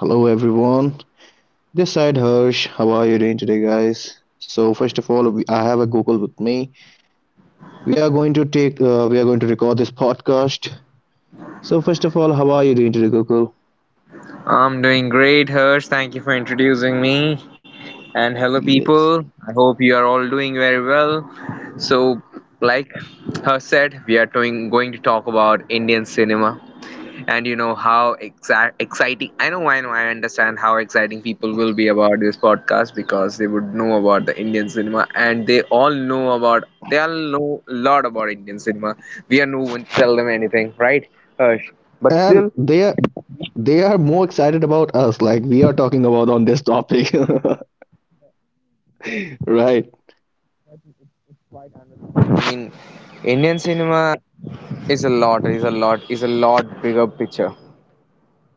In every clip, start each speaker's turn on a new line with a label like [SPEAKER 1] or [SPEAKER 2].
[SPEAKER 1] Hello everyone. This side Harsh. How are you doing today, guys? So first of all, I have a Google with me. We are going to take. We are going to record this podcast. So first of all, how are you doing today, Google?
[SPEAKER 2] I'm doing great, Hirsch. Thank you for introducing me. And hello,
[SPEAKER 1] Yes.
[SPEAKER 2] people. I hope you are all doing very well. So, like Hirsch said, we are going to talk about Indian cinema and you know how exciting. I understand how exciting people will be about this podcast because they would know about the Indian cinema and they all know a lot about Indian cinema. We are no one to tell them anything, right, Hirsch? But
[SPEAKER 1] And
[SPEAKER 2] still,
[SPEAKER 1] they are more excited about us, like we are talking about on this topic, right?
[SPEAKER 2] I mean, Indian cinema, It's a lot bigger picture.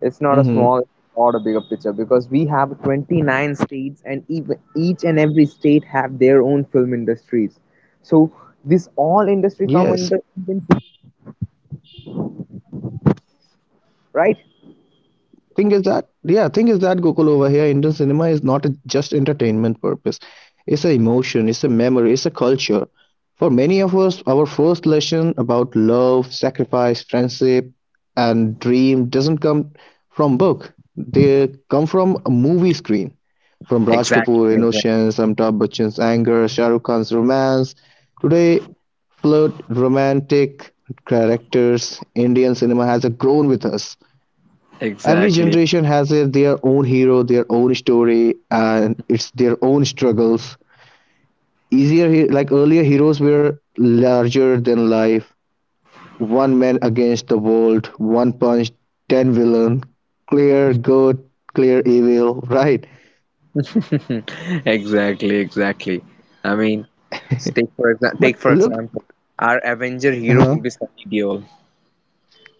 [SPEAKER 2] It's not a
[SPEAKER 1] Mm-hmm.
[SPEAKER 2] small or a bigger picture because we have 29 states and even each and every state have their own film industries. So this all industry come
[SPEAKER 1] Yes.
[SPEAKER 2] under Indian film, right?
[SPEAKER 1] thing is that yeah thing is that Gokul, over here, Indian cinema is not a just entertainment purpose. It's a emotion, it's a memory, it's a culture. For many of us, our first lesson about love, sacrifice, friendship and dream doesn't come from book. They come from a movie screen. From Raj Kapoor
[SPEAKER 2] Exactly,
[SPEAKER 1] innocence, Amitabh Bachchan's anger, Shah Rukh Khan's romance, today flirt romantic characters. Indian cinema has grown with us. Every
[SPEAKER 2] exactly,
[SPEAKER 1] generation has their own hero, their own story, and it's their own struggles. Like earlier, heroes were larger than life. One man against the world, one punch, 10 villain, clear good, clear evil, right?
[SPEAKER 2] exactly, exactly, exactly. I mean, take
[SPEAKER 1] But
[SPEAKER 2] for
[SPEAKER 1] look,
[SPEAKER 2] example, our Avenger hero
[SPEAKER 1] uh-huh.
[SPEAKER 2] will be Sunny Deol.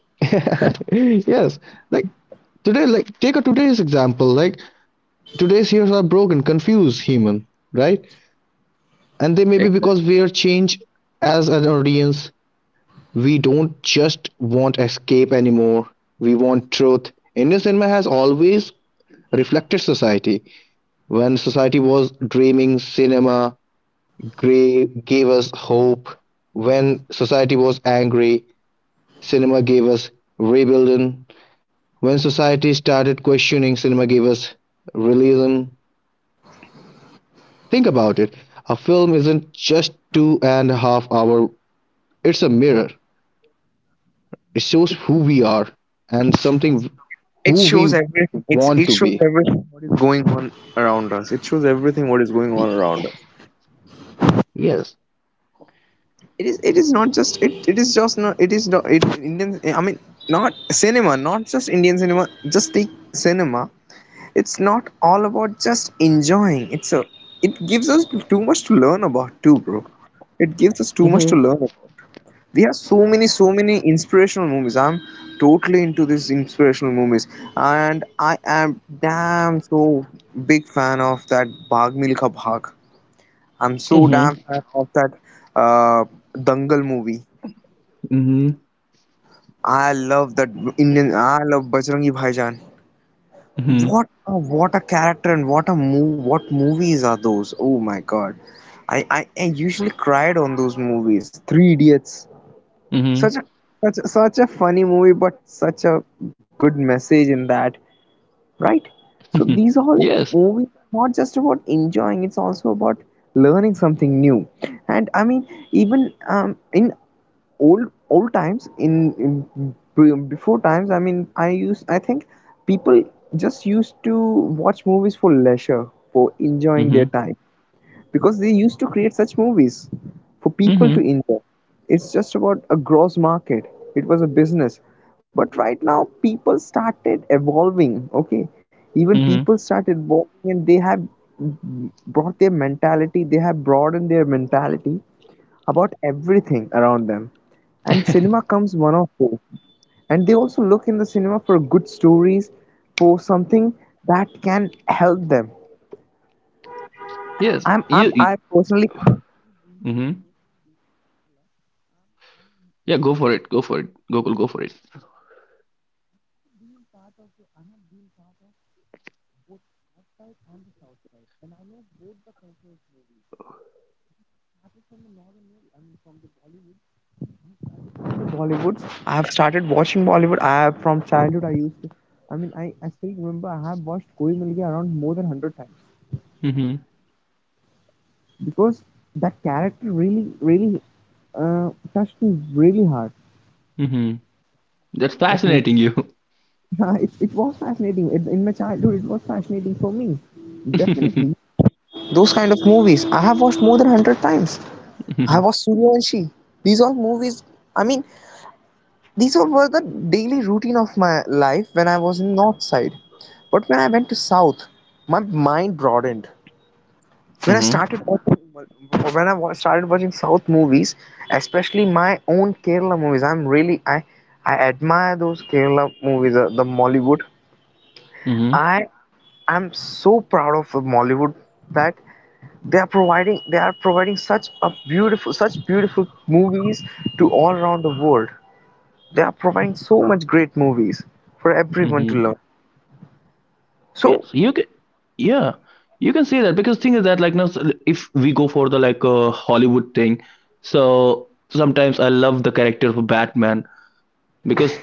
[SPEAKER 1] Yes, like today, like take a today's example. Like today's heroes are broken, confused human, right? And they may be because we are changed as an audience. We don't just want escape anymore, we want truth. Indian cinema has always reflected society. When society was dreaming, cinema gave us hope. When society was angry, cinema gave us rebellion. When society started questioning, cinema gave us realism. Think about it. A film isn't just 2.5 hour, it's a mirror. It shows who we are and something
[SPEAKER 2] It
[SPEAKER 1] who
[SPEAKER 2] shows
[SPEAKER 1] we
[SPEAKER 2] everything. It's
[SPEAKER 1] want
[SPEAKER 2] it
[SPEAKER 1] to
[SPEAKER 2] shows
[SPEAKER 1] be.
[SPEAKER 2] everything what is going on around us. It shows everything what is going
[SPEAKER 1] Y-
[SPEAKER 2] on around us.
[SPEAKER 1] Yes.
[SPEAKER 2] It is not just it, it is just not it is not it Indian I mean not cinema, not just Indian cinema, just the cinema. It's not all about just enjoying. It gives us too much to learn about too, bro. It gives us too much to
[SPEAKER 1] Mm-hmm.
[SPEAKER 2] learn. We have so many inspirational movies. I'm totally into these inspirational movies, and I am damn so big fan of that Bhag Milkha Bhag. I'm so
[SPEAKER 1] Hmm.
[SPEAKER 2] damn fan of that, uh, Dangal movie. I love that Indian. I love Bajrangi Bhaijaan.
[SPEAKER 1] Hmm.
[SPEAKER 2] What a character, and what a move what movies are those! Oh my god. I usually cried on those movies. Three Idiots.
[SPEAKER 1] Hmm. Hmm.
[SPEAKER 2] Such a such a funny movie, but such a good message in that, right? So these all
[SPEAKER 1] Yes.
[SPEAKER 2] movies are not just about enjoying; it's also about learning something new. And I mean, even in old times, in before times, I mean, I think people just used to watch movies for leisure, for enjoying their
[SPEAKER 1] Hmm.
[SPEAKER 2] time because they used to create such movies for people
[SPEAKER 1] Hmm.
[SPEAKER 2] to enjoy. It's just about a gross market. It was a business. But right now, people started evolving. Okay, even
[SPEAKER 1] Hmm.
[SPEAKER 2] people started evolving, and they have brought their mentality. They have broadened their mentality about everything around them. And cinema comes one of those. And they also look in the cinema for good stories, for something that can help them.
[SPEAKER 1] Yes. You. You.
[SPEAKER 2] I personally
[SPEAKER 1] Hmm. Yeah. Go for it. Go for it. Go. Go for it.
[SPEAKER 2] Bollywood. I have started watching Bollywood. From childhood I used to. I mean, I still remember I have watched Koi Mil Gaya around more than 100 times
[SPEAKER 1] Hmm.
[SPEAKER 2] because that character really, really, touched me really hard.
[SPEAKER 1] Hmm. That's
[SPEAKER 2] That movie.
[SPEAKER 1] fascinating. You.
[SPEAKER 2] Yeah, it was fascinating. It, in my childhood, it was fascinating for me.
[SPEAKER 1] Mm-hmm.
[SPEAKER 2] Definitely, those kind of movies I have watched more than 100 times. I have watched Suryavanshi. These all movies. I mean, these all were the daily routine of my life when I was in North Side. But when I went to South, my mind broadened. When I
[SPEAKER 1] Hmm.
[SPEAKER 2] started watching, when I started watching South movies, especially my own Kerala movies, I'm really I admire those Kerala movies, the Mollywood. I am so proud of the Mollywood that they are providing such a beautiful such beautiful movies to all around the world. They are providing so much great movies for everyone to
[SPEAKER 1] Hmm.
[SPEAKER 2] learn. So
[SPEAKER 1] Yes, you can. Yeah, you can say that because thing is that like now, so if we go for the like Hollywood thing, so sometimes I love the character of Batman because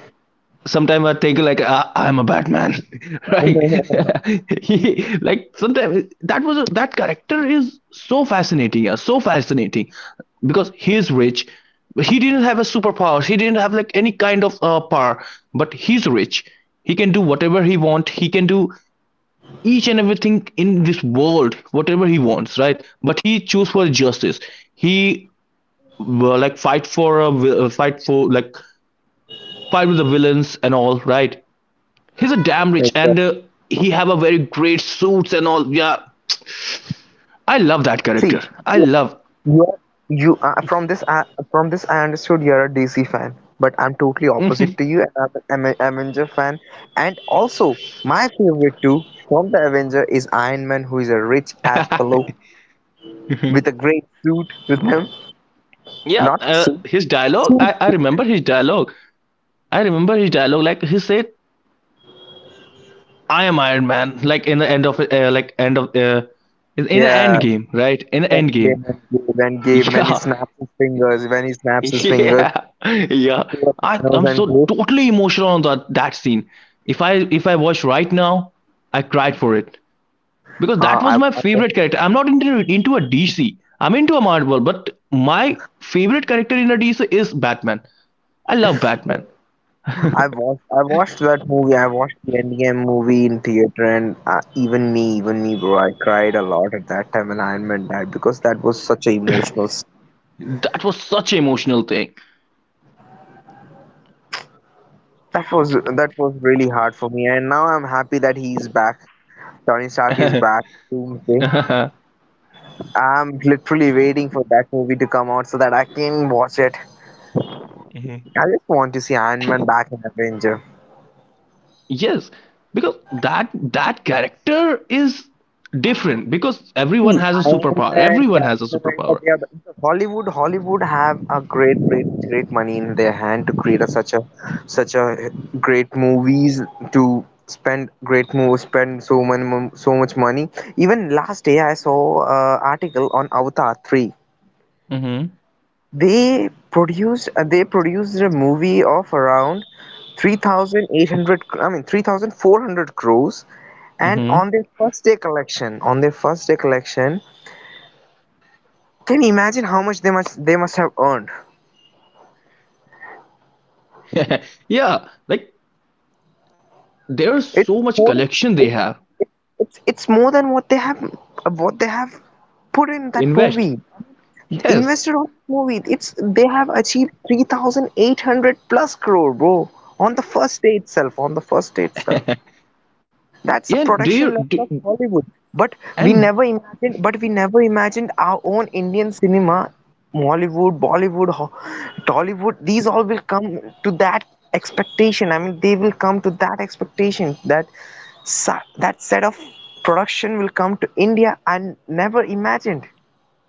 [SPEAKER 1] sometimes I think like I'm a Batman, right? He, like sometimes that character is so fascinating, yeah, so fascinating because he's rich. He didn't have a superpower. He didn't have like any kind of power, but he's rich. He can do whatever he want. He can do each and everything in this world whatever he wants, right? But he choose for justice. He like fight for a vi- fight for like fight with the villains and all, right? He's a damn rich and he have a very great suits and all. Yeah, I love that
[SPEAKER 2] see.
[SPEAKER 1] character. I love.
[SPEAKER 2] you you are from this, I from this I understood you're a DC fan, but I'm totally opposite to you. I'm an Avenger fan, and also my favorite too from the Avenger is Iron Man, who is a rich ass fellow with a great suit with him,
[SPEAKER 1] Yeah,
[SPEAKER 2] not suit,
[SPEAKER 1] his dialogue.
[SPEAKER 2] suit
[SPEAKER 1] I
[SPEAKER 2] with him.
[SPEAKER 1] remember his dialogue. I remember his dialogue. Like he said, I am Iron Man, like in the end of like end of in the
[SPEAKER 2] Yeah,
[SPEAKER 1] end game, right? In the
[SPEAKER 2] and
[SPEAKER 1] end
[SPEAKER 2] gave
[SPEAKER 1] game.
[SPEAKER 2] and gave and gave when he
[SPEAKER 1] Yeah,
[SPEAKER 2] snaps his fingers, when he snaps his fingers
[SPEAKER 1] yeah, yeah.
[SPEAKER 2] to the
[SPEAKER 1] I
[SPEAKER 2] Thanos
[SPEAKER 1] I'm
[SPEAKER 2] and
[SPEAKER 1] so
[SPEAKER 2] gave.
[SPEAKER 1] totally emotional on that scene. If I if I watch right now, I cried for it because that
[SPEAKER 2] Uh,
[SPEAKER 1] was
[SPEAKER 2] I,
[SPEAKER 1] my
[SPEAKER 2] I
[SPEAKER 1] favorite character. I'm not into a DC. I'm into a Marvel, but my favorite character in a DC is Batman. I love Batman.
[SPEAKER 2] I watched, I watched that movie. I watched the Endgame movie in theater, and even me, bro, I cried a lot at that time, and Iron Man died because that was such a emotional.
[SPEAKER 1] That was such an emotional thing.
[SPEAKER 2] That was, that was really hard for me, and now I'm happy that he's back. Tony Stark is back. Doomsday. I'm literally waiting for that movie to come out so that I can watch it. I
[SPEAKER 1] Mhm.
[SPEAKER 2] just want to see Iron Man back in Avenger.
[SPEAKER 1] Yes, because that character is different because everyone
[SPEAKER 2] See,
[SPEAKER 1] has a
[SPEAKER 2] Iron
[SPEAKER 1] superpower.
[SPEAKER 2] Man,
[SPEAKER 1] Everyone has a
[SPEAKER 2] Captain America,
[SPEAKER 1] superpower.
[SPEAKER 2] they are because Hollywood. Hollywood have a great, great, great money in their hand to create a, such a, such a great movies to spend great movies, spend so many, so much money. Even last day, I saw article on Avatar 3. They produced a movie of around 3,800. I mean, 3,400 crores. And
[SPEAKER 1] Hmm.
[SPEAKER 2] on their first day collection, on their first day collection. Can you imagine how much they must have earned?
[SPEAKER 1] Yeah, like there's
[SPEAKER 2] It's
[SPEAKER 1] so much
[SPEAKER 2] more
[SPEAKER 1] collection
[SPEAKER 2] it's
[SPEAKER 1] they have.
[SPEAKER 2] it's more than what they have, what they have put in that
[SPEAKER 1] Invest.
[SPEAKER 2] movie.
[SPEAKER 1] Yes.
[SPEAKER 2] Invested on the movie, it's they have achieved 3,800 plus crore, bro, on the first day itself. On the first day itself. That's the
[SPEAKER 1] Yeah, and do
[SPEAKER 2] production
[SPEAKER 1] you
[SPEAKER 2] level of
[SPEAKER 1] do,
[SPEAKER 2] Hollywood.
[SPEAKER 1] and
[SPEAKER 2] But we never imagined our own Indian cinema, Mollywood, Bollywood, Tollywood. These all will come to that expectation. I mean, they will come to that expectation that that set of production will come to India. I never imagined.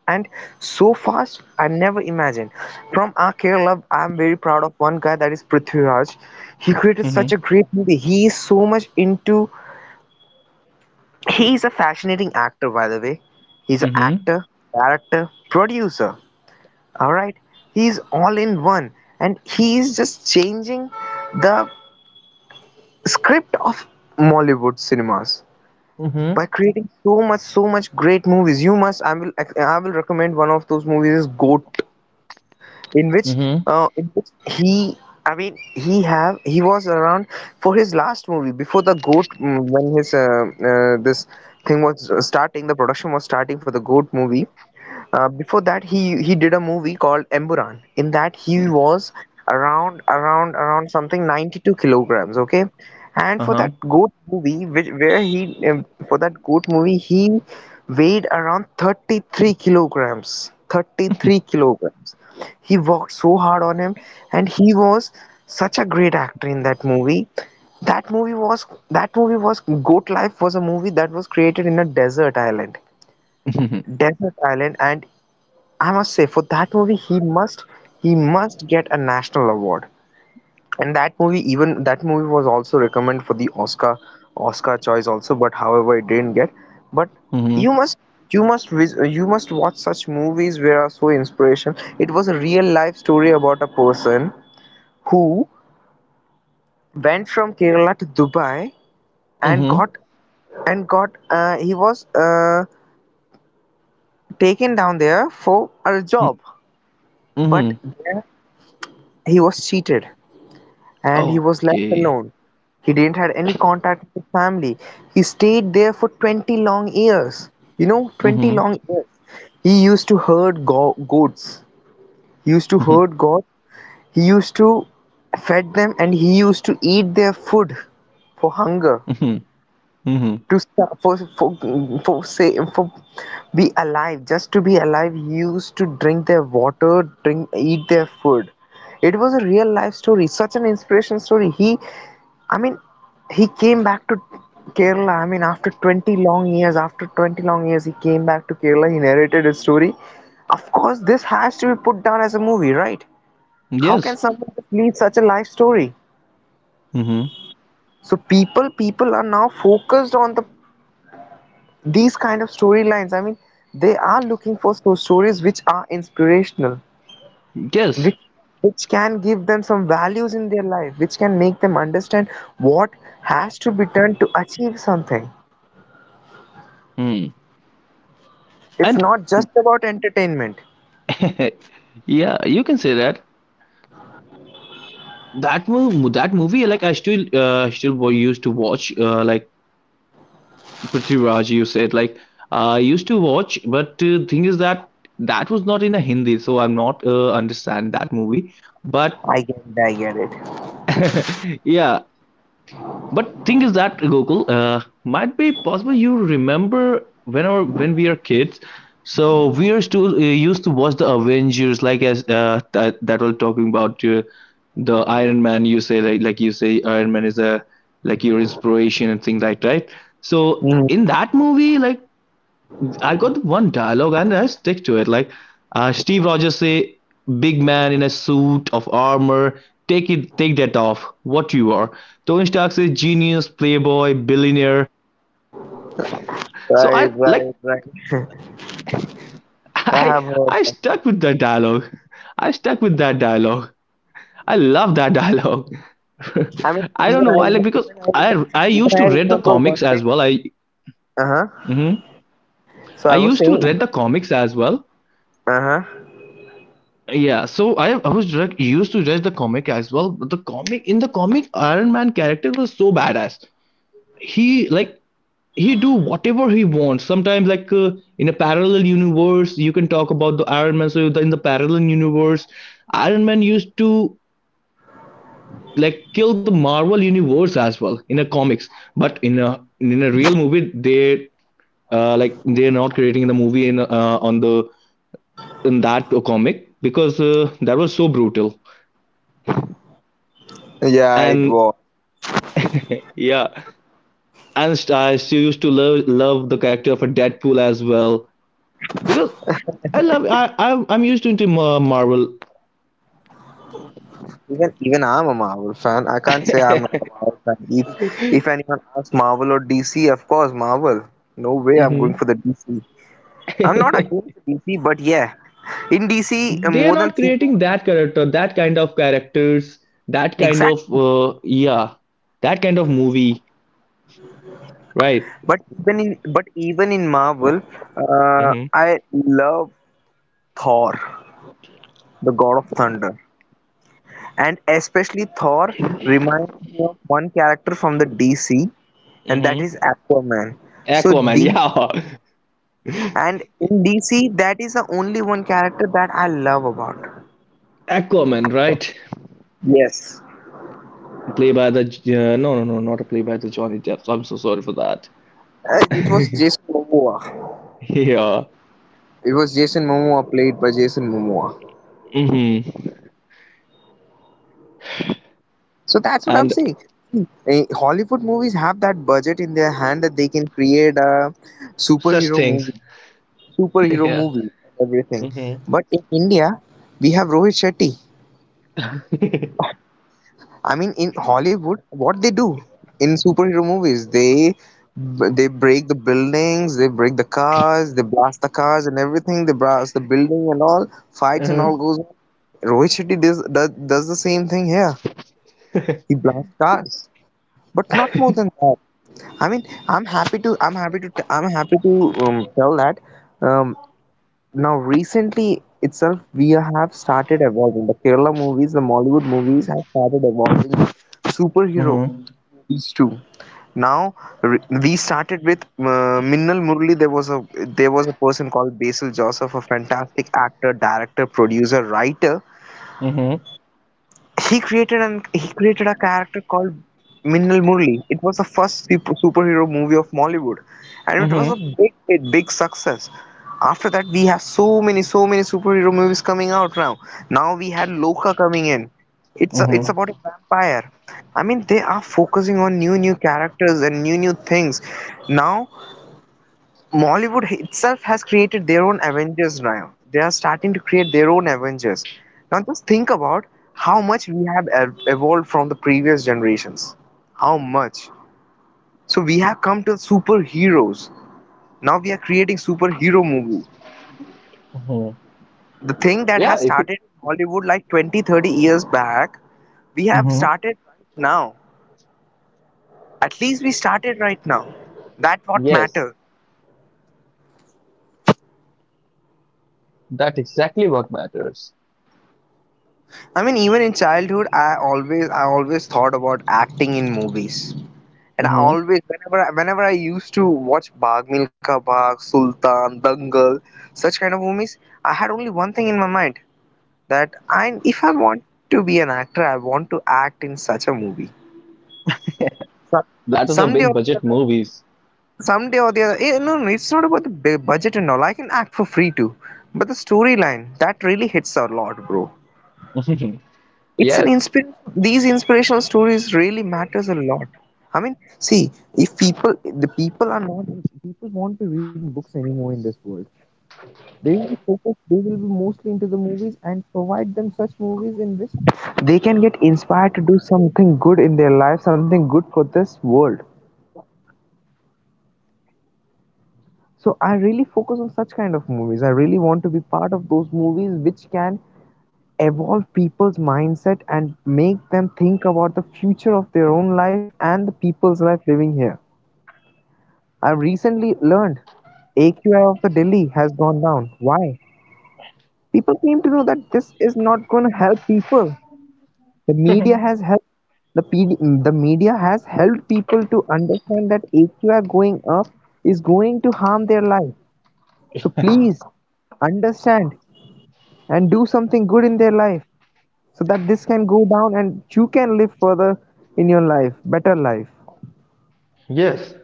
[SPEAKER 2] And so fast, I never imagined. From our Kerala, I'm very proud of one guy, that is Prithviraj. He created
[SPEAKER 1] hmm.
[SPEAKER 2] such a great movie. He is so much into. He's a fascinating actor, by the way. He's an
[SPEAKER 1] Hmm.
[SPEAKER 2] actor, director, producer. All right, he's all in one, and he's just changing the script of Mollywood cinemas by
[SPEAKER 1] Mm-hmm.
[SPEAKER 2] creating so much great movies. You must. I will. I will recommend one of those movies is Goat. In which,
[SPEAKER 1] Hmm.
[SPEAKER 2] in which he, I mean he have, he was around for his last movie before the Goat, mm, when his, this thing was starting, the production was starting for the Goat movie. Before that, he did a movie called Emburan. In that, he was around something 92 kilograms. Okay, and for
[SPEAKER 1] Uh-huh.
[SPEAKER 2] that Goat movie, which where he, for that Goat movie he weighed around 33 kilograms. 33 kilograms. He worked so hard on him, and he was such a great actor in that movie. That movie was that movie was Goat Life was a movie that was created in a desert island,
[SPEAKER 1] Hmm.
[SPEAKER 2] and I must say, for that movie, he must get a national award. And that movie, even that movie was also recommended for the Oscar, Oscar choice also, but however, it didn't get. But
[SPEAKER 1] Hmm.
[SPEAKER 2] you must, you must you must watch such movies where are so inspiration. It was a real life story about a person who went from Kerala to Dubai and
[SPEAKER 1] Hmm.
[SPEAKER 2] got, he was, taken down there for a job, but
[SPEAKER 1] Hmm.
[SPEAKER 2] there he was cheated and he was left
[SPEAKER 1] Okay.
[SPEAKER 2] alone. He didn't had any contact with his family. He stayed there for 20 long years. You know, 20
[SPEAKER 1] Hmm.
[SPEAKER 2] long years. He used to herd goats. He used to
[SPEAKER 1] Hmm.
[SPEAKER 2] herd goats. He used to fed them, and he used to eat their food for hunger,
[SPEAKER 1] Hmm. Hmm.
[SPEAKER 2] to st- for say, for be alive, just to be alive. Used to drink their water, drink eat their food. It was a real life story, such an inspiration story. He i mean he came back to Kerala. I mean, after 20 long years, after 20 long years, he came back to Kerala. He narrated his story. Of course, this has to be put down as a movie, right? How
[SPEAKER 1] Yes.
[SPEAKER 2] can someone just lead such a life story?
[SPEAKER 1] Hmm.
[SPEAKER 2] So people are now focused on the these kind of storylines. I mean, they are looking for so stories which are inspirational,
[SPEAKER 1] Yes.
[SPEAKER 2] which which can give them some values in their life, which can make them understand what has to be done to achieve something.
[SPEAKER 1] Mm.
[SPEAKER 2] It's
[SPEAKER 1] And
[SPEAKER 2] not just about entertainment.
[SPEAKER 1] yeah, you can say that. That movie, like I used to watch, like Prithviraj, you said like I used to watch, but thing is that that was not in a Hindi, so I'm not understand that movie. But
[SPEAKER 2] I get it.
[SPEAKER 1] yeah, but thing is that Gokul, might be possible you remember when our when we are kids. So we are still used to watch the Avengers, like as that was talking about the Iron Man. You say like you say Iron Man is a like your inspiration and things like that. So
[SPEAKER 2] Mm,
[SPEAKER 1] in that movie, like I got one dialogue and I stick to it. Like Steve Rogers say, "Big man in a suit of armor, take it, take that off. What you are?" Tony Stark says, "Genius, playboy, billionaire." So I like
[SPEAKER 2] right right. I
[SPEAKER 1] I
[SPEAKER 2] have heard
[SPEAKER 1] I
[SPEAKER 2] that.
[SPEAKER 1] stuck with that dialogue. I stuck with that dialogue. I love that dialogue.
[SPEAKER 2] I mean,
[SPEAKER 1] I don't
[SPEAKER 2] even
[SPEAKER 1] know
[SPEAKER 2] i
[SPEAKER 1] why,
[SPEAKER 2] remember
[SPEAKER 1] like because
[SPEAKER 2] even i remember,
[SPEAKER 1] I
[SPEAKER 2] even
[SPEAKER 1] used
[SPEAKER 2] I
[SPEAKER 1] to read the
[SPEAKER 2] remember one
[SPEAKER 1] comics
[SPEAKER 2] thing.
[SPEAKER 1] as well. I
[SPEAKER 2] Uh-huh.
[SPEAKER 1] mhm.
[SPEAKER 2] So
[SPEAKER 1] I
[SPEAKER 2] I was
[SPEAKER 1] used to
[SPEAKER 2] saying,
[SPEAKER 1] read the comics as well,
[SPEAKER 2] uh-huh,
[SPEAKER 1] yeah, so I was direct, used to judge the comic as well. But the comic in the comic, Iron Man character was so badass. He like he do whatever he wants. Sometimes like in a parallel universe, you can talk about the Iron Man. So in the parallel universe, Iron Man used to like kill the Marvel universe as well in a comics. But in a real movie, they like they're not creating the movie in on the in that comic because that was so brutal
[SPEAKER 2] yeah, it
[SPEAKER 1] and.
[SPEAKER 2] was.
[SPEAKER 1] Yeah, and I still used to love the character of a Deadpool as well because I'm used to into Marvel.
[SPEAKER 2] Even, I'm a Marvel fan. I can't say I'm not a Marvel fan. If anyone asks Marvel or DC, of course Marvel. No way I'm going
[SPEAKER 1] Hmm.
[SPEAKER 2] for the DC. I'm not against DC, but yeah, in DC,
[SPEAKER 1] They are
[SPEAKER 2] more than
[SPEAKER 1] not
[SPEAKER 2] Super.
[SPEAKER 1] creating that character, that kind of characters, that kind of
[SPEAKER 2] Exactly.
[SPEAKER 1] yeah, that kind of movie, right?
[SPEAKER 2] But even in Marvel,
[SPEAKER 1] Hmm.
[SPEAKER 2] I love Thor, the God of Thunder, and especially Thor reminds me of one character from the DC, and that
[SPEAKER 1] Hmm.
[SPEAKER 2] is Aquaman. So
[SPEAKER 1] Aquaman,
[SPEAKER 2] these
[SPEAKER 1] yeah,
[SPEAKER 2] And in DC, that is the only one character that I love about.
[SPEAKER 1] Aquaman, right?
[SPEAKER 2] Yes.
[SPEAKER 1] Play by the no, no, no, not a play by the Johnny Depp. I'm so sorry for that.
[SPEAKER 2] It was Jason Momoa.
[SPEAKER 1] Yeah,
[SPEAKER 2] It was Jason Momoa played by Jason Momoa.
[SPEAKER 1] hmm
[SPEAKER 2] So that's what I'm
[SPEAKER 1] and
[SPEAKER 2] saying. Hollywood movies have that budget in their hand that they can create a
[SPEAKER 1] such
[SPEAKER 2] superhero
[SPEAKER 1] things.
[SPEAKER 2] movie, superhero
[SPEAKER 1] Yeah.
[SPEAKER 2] movie, everything.
[SPEAKER 1] Mm-hmm.
[SPEAKER 2] But in India, we have Rohit Shetty. I mean, in Hollywood, what they do in superhero movies, they break the buildings, they break the cars, they blast the cars and everything. They blast the building and all fights and all goes on. Rohit Shetty does the same thing here. He blasts cars, but not more than that. I mean, I'm happy to tell that. Um, Now recently itself, we have started evolving. The Kerala movies, the Mollywood movies have started evolving superhero
[SPEAKER 1] Mm-hmm.
[SPEAKER 2] movies too. Now re- we started with Minnal Murli. There was a person called Basil Joseph, a fantastic actor, director, producer, writer,
[SPEAKER 1] Mm-hmm.
[SPEAKER 2] he created a character called Minnal Murli. It was the first superhero movie of Mollywood, and it was a
[SPEAKER 1] Mm-hmm.
[SPEAKER 2] big hit, big success. After that, we have so many, so many superhero movies coming out now. Now we had Loka coming in. It's about a vampire. I mean, they are focusing on new, new characters and new, new things. Now Mollywood itself has created their own Avengers now. They are starting to create their own Avengers. Now just think about how much we have evolved from the previous generations. How much? So we have come to superheroes. Now we are creating superhero movie.
[SPEAKER 1] Mm-hmm.
[SPEAKER 2] The thing that
[SPEAKER 1] Yeah,
[SPEAKER 2] has
[SPEAKER 1] if you,
[SPEAKER 2] started in Hollywood like 20, 30 years back, we have
[SPEAKER 1] mm-hmm.
[SPEAKER 2] started right now. At least we started right now. That what
[SPEAKER 1] Yes,
[SPEAKER 2] matters.
[SPEAKER 1] that's exactly what matters.
[SPEAKER 2] I mean, even in childhood I always thought about acting in movies. And I
[SPEAKER 1] Mm-hmm.
[SPEAKER 2] always, whenever I used to watch Bagh Milka Bagh, Sultan, Dangal, such kind of movies, I had only one thing in my mind that if I want to be an actor, I want to act in such a movie. So-
[SPEAKER 1] That is a
[SPEAKER 2] Someday
[SPEAKER 1] big
[SPEAKER 2] or the
[SPEAKER 1] budget
[SPEAKER 2] other,
[SPEAKER 1] movies.
[SPEAKER 2] No, no, it's not about the budget and all. I can act for free too, but the storyline that really hits a lot, bro. It's an
[SPEAKER 1] Yes.
[SPEAKER 2] inspiration. These inspirational stories really matters a lot. I mean, see, if people the people are not People won't be reading books anymore in this world. They will be focused, they will be mostly into the movies, and provide them such movies in which they can get inspired to do something good in their life, something good for this world. So I really focus on such kind of movies. I really want to be part of those movies which can evolve people's mindset and make them think about the future of their own life and the people's life living here. I've recently learned AQI of the Delhi has gone down. Why? People came to know that this is not going to help people. The media has helped the PD, the media has helped people to understand that AQI going up is going to harm their life. So please understand and do something good in their life, so that this can go down and you can live further in your life, better life.
[SPEAKER 1] Yes,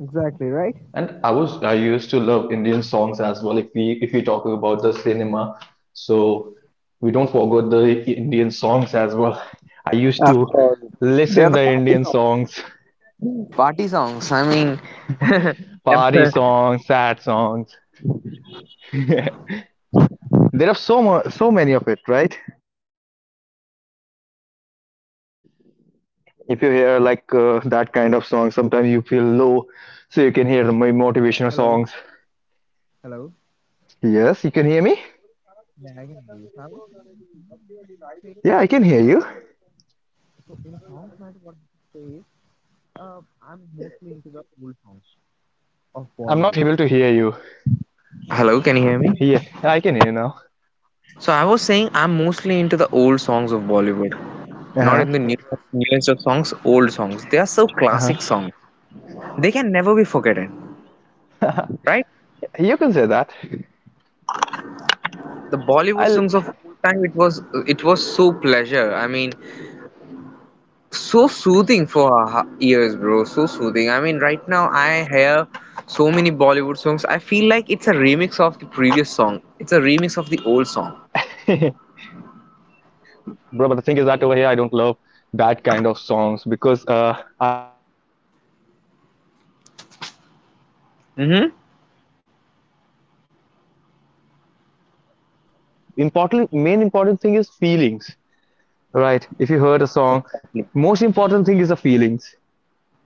[SPEAKER 2] Exactly, right.
[SPEAKER 1] and I used to love Indian songs as well. If we talk about the cinema, so we don't forget the Indian songs as well. I used
[SPEAKER 2] Of
[SPEAKER 1] to
[SPEAKER 2] course. They are
[SPEAKER 1] listen
[SPEAKER 2] the
[SPEAKER 1] the
[SPEAKER 2] party
[SPEAKER 1] Indian
[SPEAKER 2] songs.
[SPEAKER 1] songs,
[SPEAKER 2] Party songs. I mean,
[SPEAKER 1] party
[SPEAKER 2] em-
[SPEAKER 1] songs, sad songs. There are so many of it, right? If you hear like that kind of song, sometimes you feel low, so you
[SPEAKER 2] hello.
[SPEAKER 1] can hear my motivational
[SPEAKER 2] hello
[SPEAKER 1] songs.
[SPEAKER 2] hello.
[SPEAKER 1] Yes, you can hear me?
[SPEAKER 2] Yeah, I can hear you. So I was going to say,
[SPEAKER 1] Yeah, I can hear you.
[SPEAKER 2] so in songs, matter what I say is, uh, I'm mostly into the old songs of Bollywood. Hello, can you hear me? So I was saying I'm mostly into the old songs of Bollywood, not in the newest of songs. Old songs. They are so classic songs. They can never be forgotten, right? The Bollywood songs of time, it was, it was so pleasure. I mean, so soothing for our ears, bro. So soothing. I mean, right now I hear so many Bollywood songs, I feel like it's a remix of the previous song, it's a remix of the old song.
[SPEAKER 1] Bro, but the thing is that over here I don't love that kind of songs because I don't love remix songs. I love old song, guzzles and all because
[SPEAKER 2] Mm-hmm.
[SPEAKER 1] I'm such into it because thing is that that was feel. Important thing is feelings, right? If you heard a song,
[SPEAKER 2] Exactly.
[SPEAKER 1] most important thing is the feelings.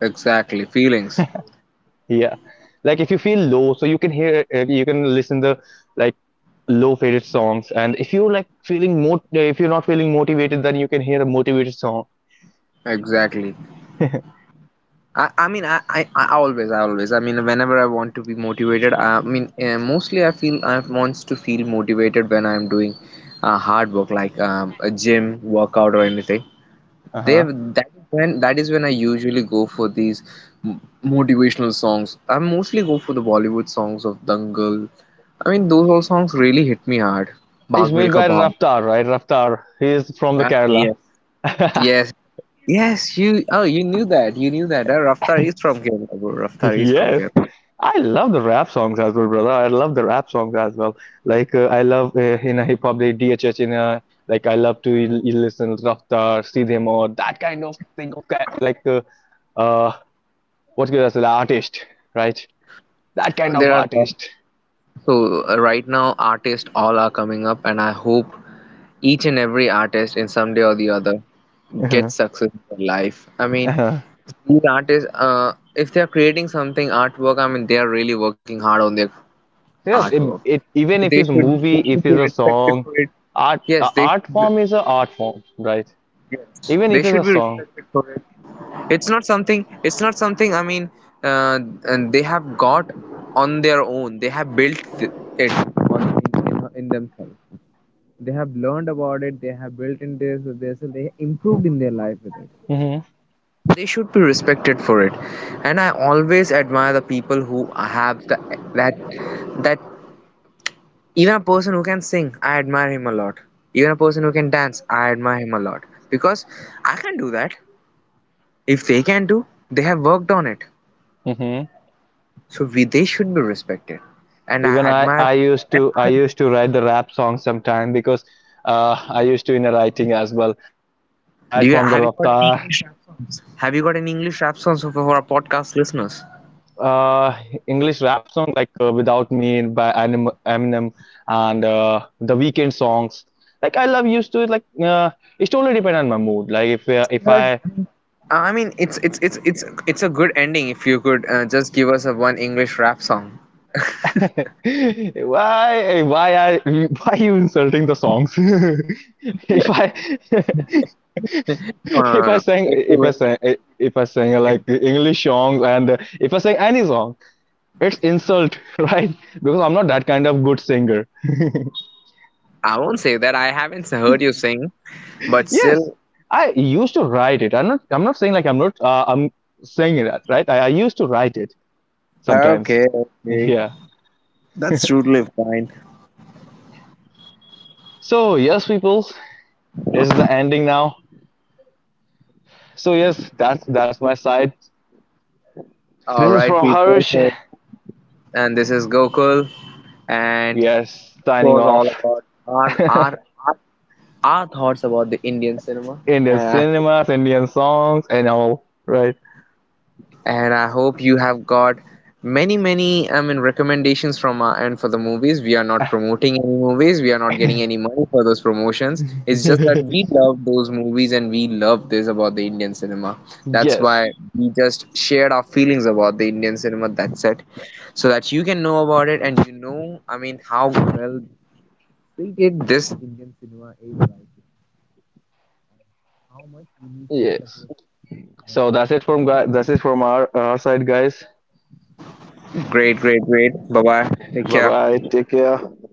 [SPEAKER 2] Exactly. Feelings.
[SPEAKER 1] Yeah. Like if you feel low, so you can listen the like low faded songs. And if you like feeling more, if you're not feeling motivated, then you can hear a motivated song.
[SPEAKER 2] Exactly. I mean I always I always I mean, whenever I want to be motivated, I mean, mostly I feel I wants to feel motivated when I'm doing hard work like a gym workout or anything. They
[SPEAKER 1] Uh-huh.
[SPEAKER 2] That is when I usually go for these motivational songs. I mostly go for the Bollywood songs of Dangal. I mean, those all songs really hit me hard.
[SPEAKER 1] It's
[SPEAKER 2] Bhag
[SPEAKER 1] made
[SPEAKER 2] Milkha
[SPEAKER 1] by
[SPEAKER 2] Bhag.
[SPEAKER 1] Raftar, right? Raftar. He is from the
[SPEAKER 2] Ah,
[SPEAKER 1] Kerala.
[SPEAKER 2] yes. Yes, yes. You, oh, you knew that. You knew that, Raftar is from Kerala, bro. Raftar is from
[SPEAKER 1] Yes.
[SPEAKER 2] Kerala.
[SPEAKER 1] I love the rap songs as well, brother. I love the rap songs as well. Like I love in a hip hop, like DHH in a like I love to listen Raftar, Sidhe Moore, that kind of thing. Okay, like uh, what's good as an artist, right? That kind of
[SPEAKER 2] There are lot.
[SPEAKER 1] artist.
[SPEAKER 2] So right now, artists all are coming up, and I hope each and every artist in some day or the other
[SPEAKER 1] Uh-huh.
[SPEAKER 2] gets success in their life. I mean,
[SPEAKER 1] Uh-huh.
[SPEAKER 2] these artists, if they are creating something artwork, I mean, they are really working hard on their
[SPEAKER 1] Yes,
[SPEAKER 2] artwork.
[SPEAKER 1] it
[SPEAKER 2] So
[SPEAKER 1] even
[SPEAKER 2] they
[SPEAKER 1] if it's a
[SPEAKER 2] should they
[SPEAKER 1] movie,
[SPEAKER 2] should
[SPEAKER 1] if
[SPEAKER 2] be
[SPEAKER 1] it's a
[SPEAKER 2] respected
[SPEAKER 1] song,
[SPEAKER 2] for it. Yes, they
[SPEAKER 1] art
[SPEAKER 2] should be,
[SPEAKER 1] form is a art form, right?
[SPEAKER 2] yes,
[SPEAKER 1] Even
[SPEAKER 2] they
[SPEAKER 1] if it's
[SPEAKER 2] should
[SPEAKER 1] a
[SPEAKER 2] be
[SPEAKER 1] song.
[SPEAKER 2] respected for it. It's not something. I mean, uh, and they have got on their own, they have built th- it on, in themselves, they have learned about it, they have built in this, and they improved in their life with it.
[SPEAKER 1] Mm-hmm.
[SPEAKER 2] They should be respected for it. And I always admire the people who have the, that that even a person who can sing, I admire him a lot. Even a person who can dance, I admire him a lot. Because I can do that. If they can do, they have worked on it.
[SPEAKER 1] Mm-hmm.
[SPEAKER 2] So they should be respected, and I
[SPEAKER 1] Even
[SPEAKER 2] admire. And
[SPEAKER 1] I
[SPEAKER 2] I,
[SPEAKER 1] used to write the rap song sometime because I used to in a writing as well. So I
[SPEAKER 2] do
[SPEAKER 1] inspired
[SPEAKER 2] you
[SPEAKER 1] from the
[SPEAKER 2] have, you got any
[SPEAKER 1] Raftar
[SPEAKER 2] English? Have you got any English rap songs for our podcast listeners?
[SPEAKER 1] uh English rap song like Without Me by Eminem and the Weekend songs. Like I love used to it. Like it totally depend on my mood. Like if
[SPEAKER 2] Right.
[SPEAKER 1] I
[SPEAKER 2] I mean, it's a good ending if you could just give us a one English rap song.
[SPEAKER 1] why why I why you insulting the songs? If I
[SPEAKER 2] No, no,
[SPEAKER 1] if
[SPEAKER 2] no,
[SPEAKER 1] I
[SPEAKER 2] no.
[SPEAKER 1] sang if I sang if I sang like English songs and if I sang any song, it's insult, right? Because I'm not that kind of good singer.
[SPEAKER 2] I won't say that. I haven't heard you sing, but
[SPEAKER 1] Yes,
[SPEAKER 2] still.
[SPEAKER 1] I used to write it. I'm not. I'm not saying like I'm not. I'm saying that right. I used to write it sometimes.
[SPEAKER 2] Okay, okay.
[SPEAKER 1] Yeah.
[SPEAKER 2] It's totally fine.
[SPEAKER 1] So yes, peoples, this is the ending now. So yes, that's my side. This
[SPEAKER 2] All
[SPEAKER 1] is
[SPEAKER 2] right,
[SPEAKER 1] from
[SPEAKER 2] people.
[SPEAKER 1] Harsh.
[SPEAKER 2] So, and this is Gokul, and
[SPEAKER 1] We
[SPEAKER 2] it
[SPEAKER 1] are signing
[SPEAKER 2] was all
[SPEAKER 1] off.
[SPEAKER 2] about our thoughts about the Indian cinema.
[SPEAKER 1] Indian
[SPEAKER 2] And I,
[SPEAKER 1] cinemas, Indian songs, and all. Right.
[SPEAKER 2] and I hope you have got many, many, I mean, recommendations from our end for the movies. We are not promoting any movies. We are not getting any money for those promotions. It's just that we love those movies and we love this about the Indian cinema. That's
[SPEAKER 1] Yes.
[SPEAKER 2] why we just shared our feelings about the Indian cinema. That's it. So that you can know about it, and you know, I mean, how well treated this Indian cinema is. Like how much we need to
[SPEAKER 1] Yes.
[SPEAKER 2] support.
[SPEAKER 1] So that's it from guy. That's it from our side, guys.
[SPEAKER 2] Great, great, great. Bye bye. Take
[SPEAKER 1] Bye
[SPEAKER 2] care.
[SPEAKER 1] bye. Take care.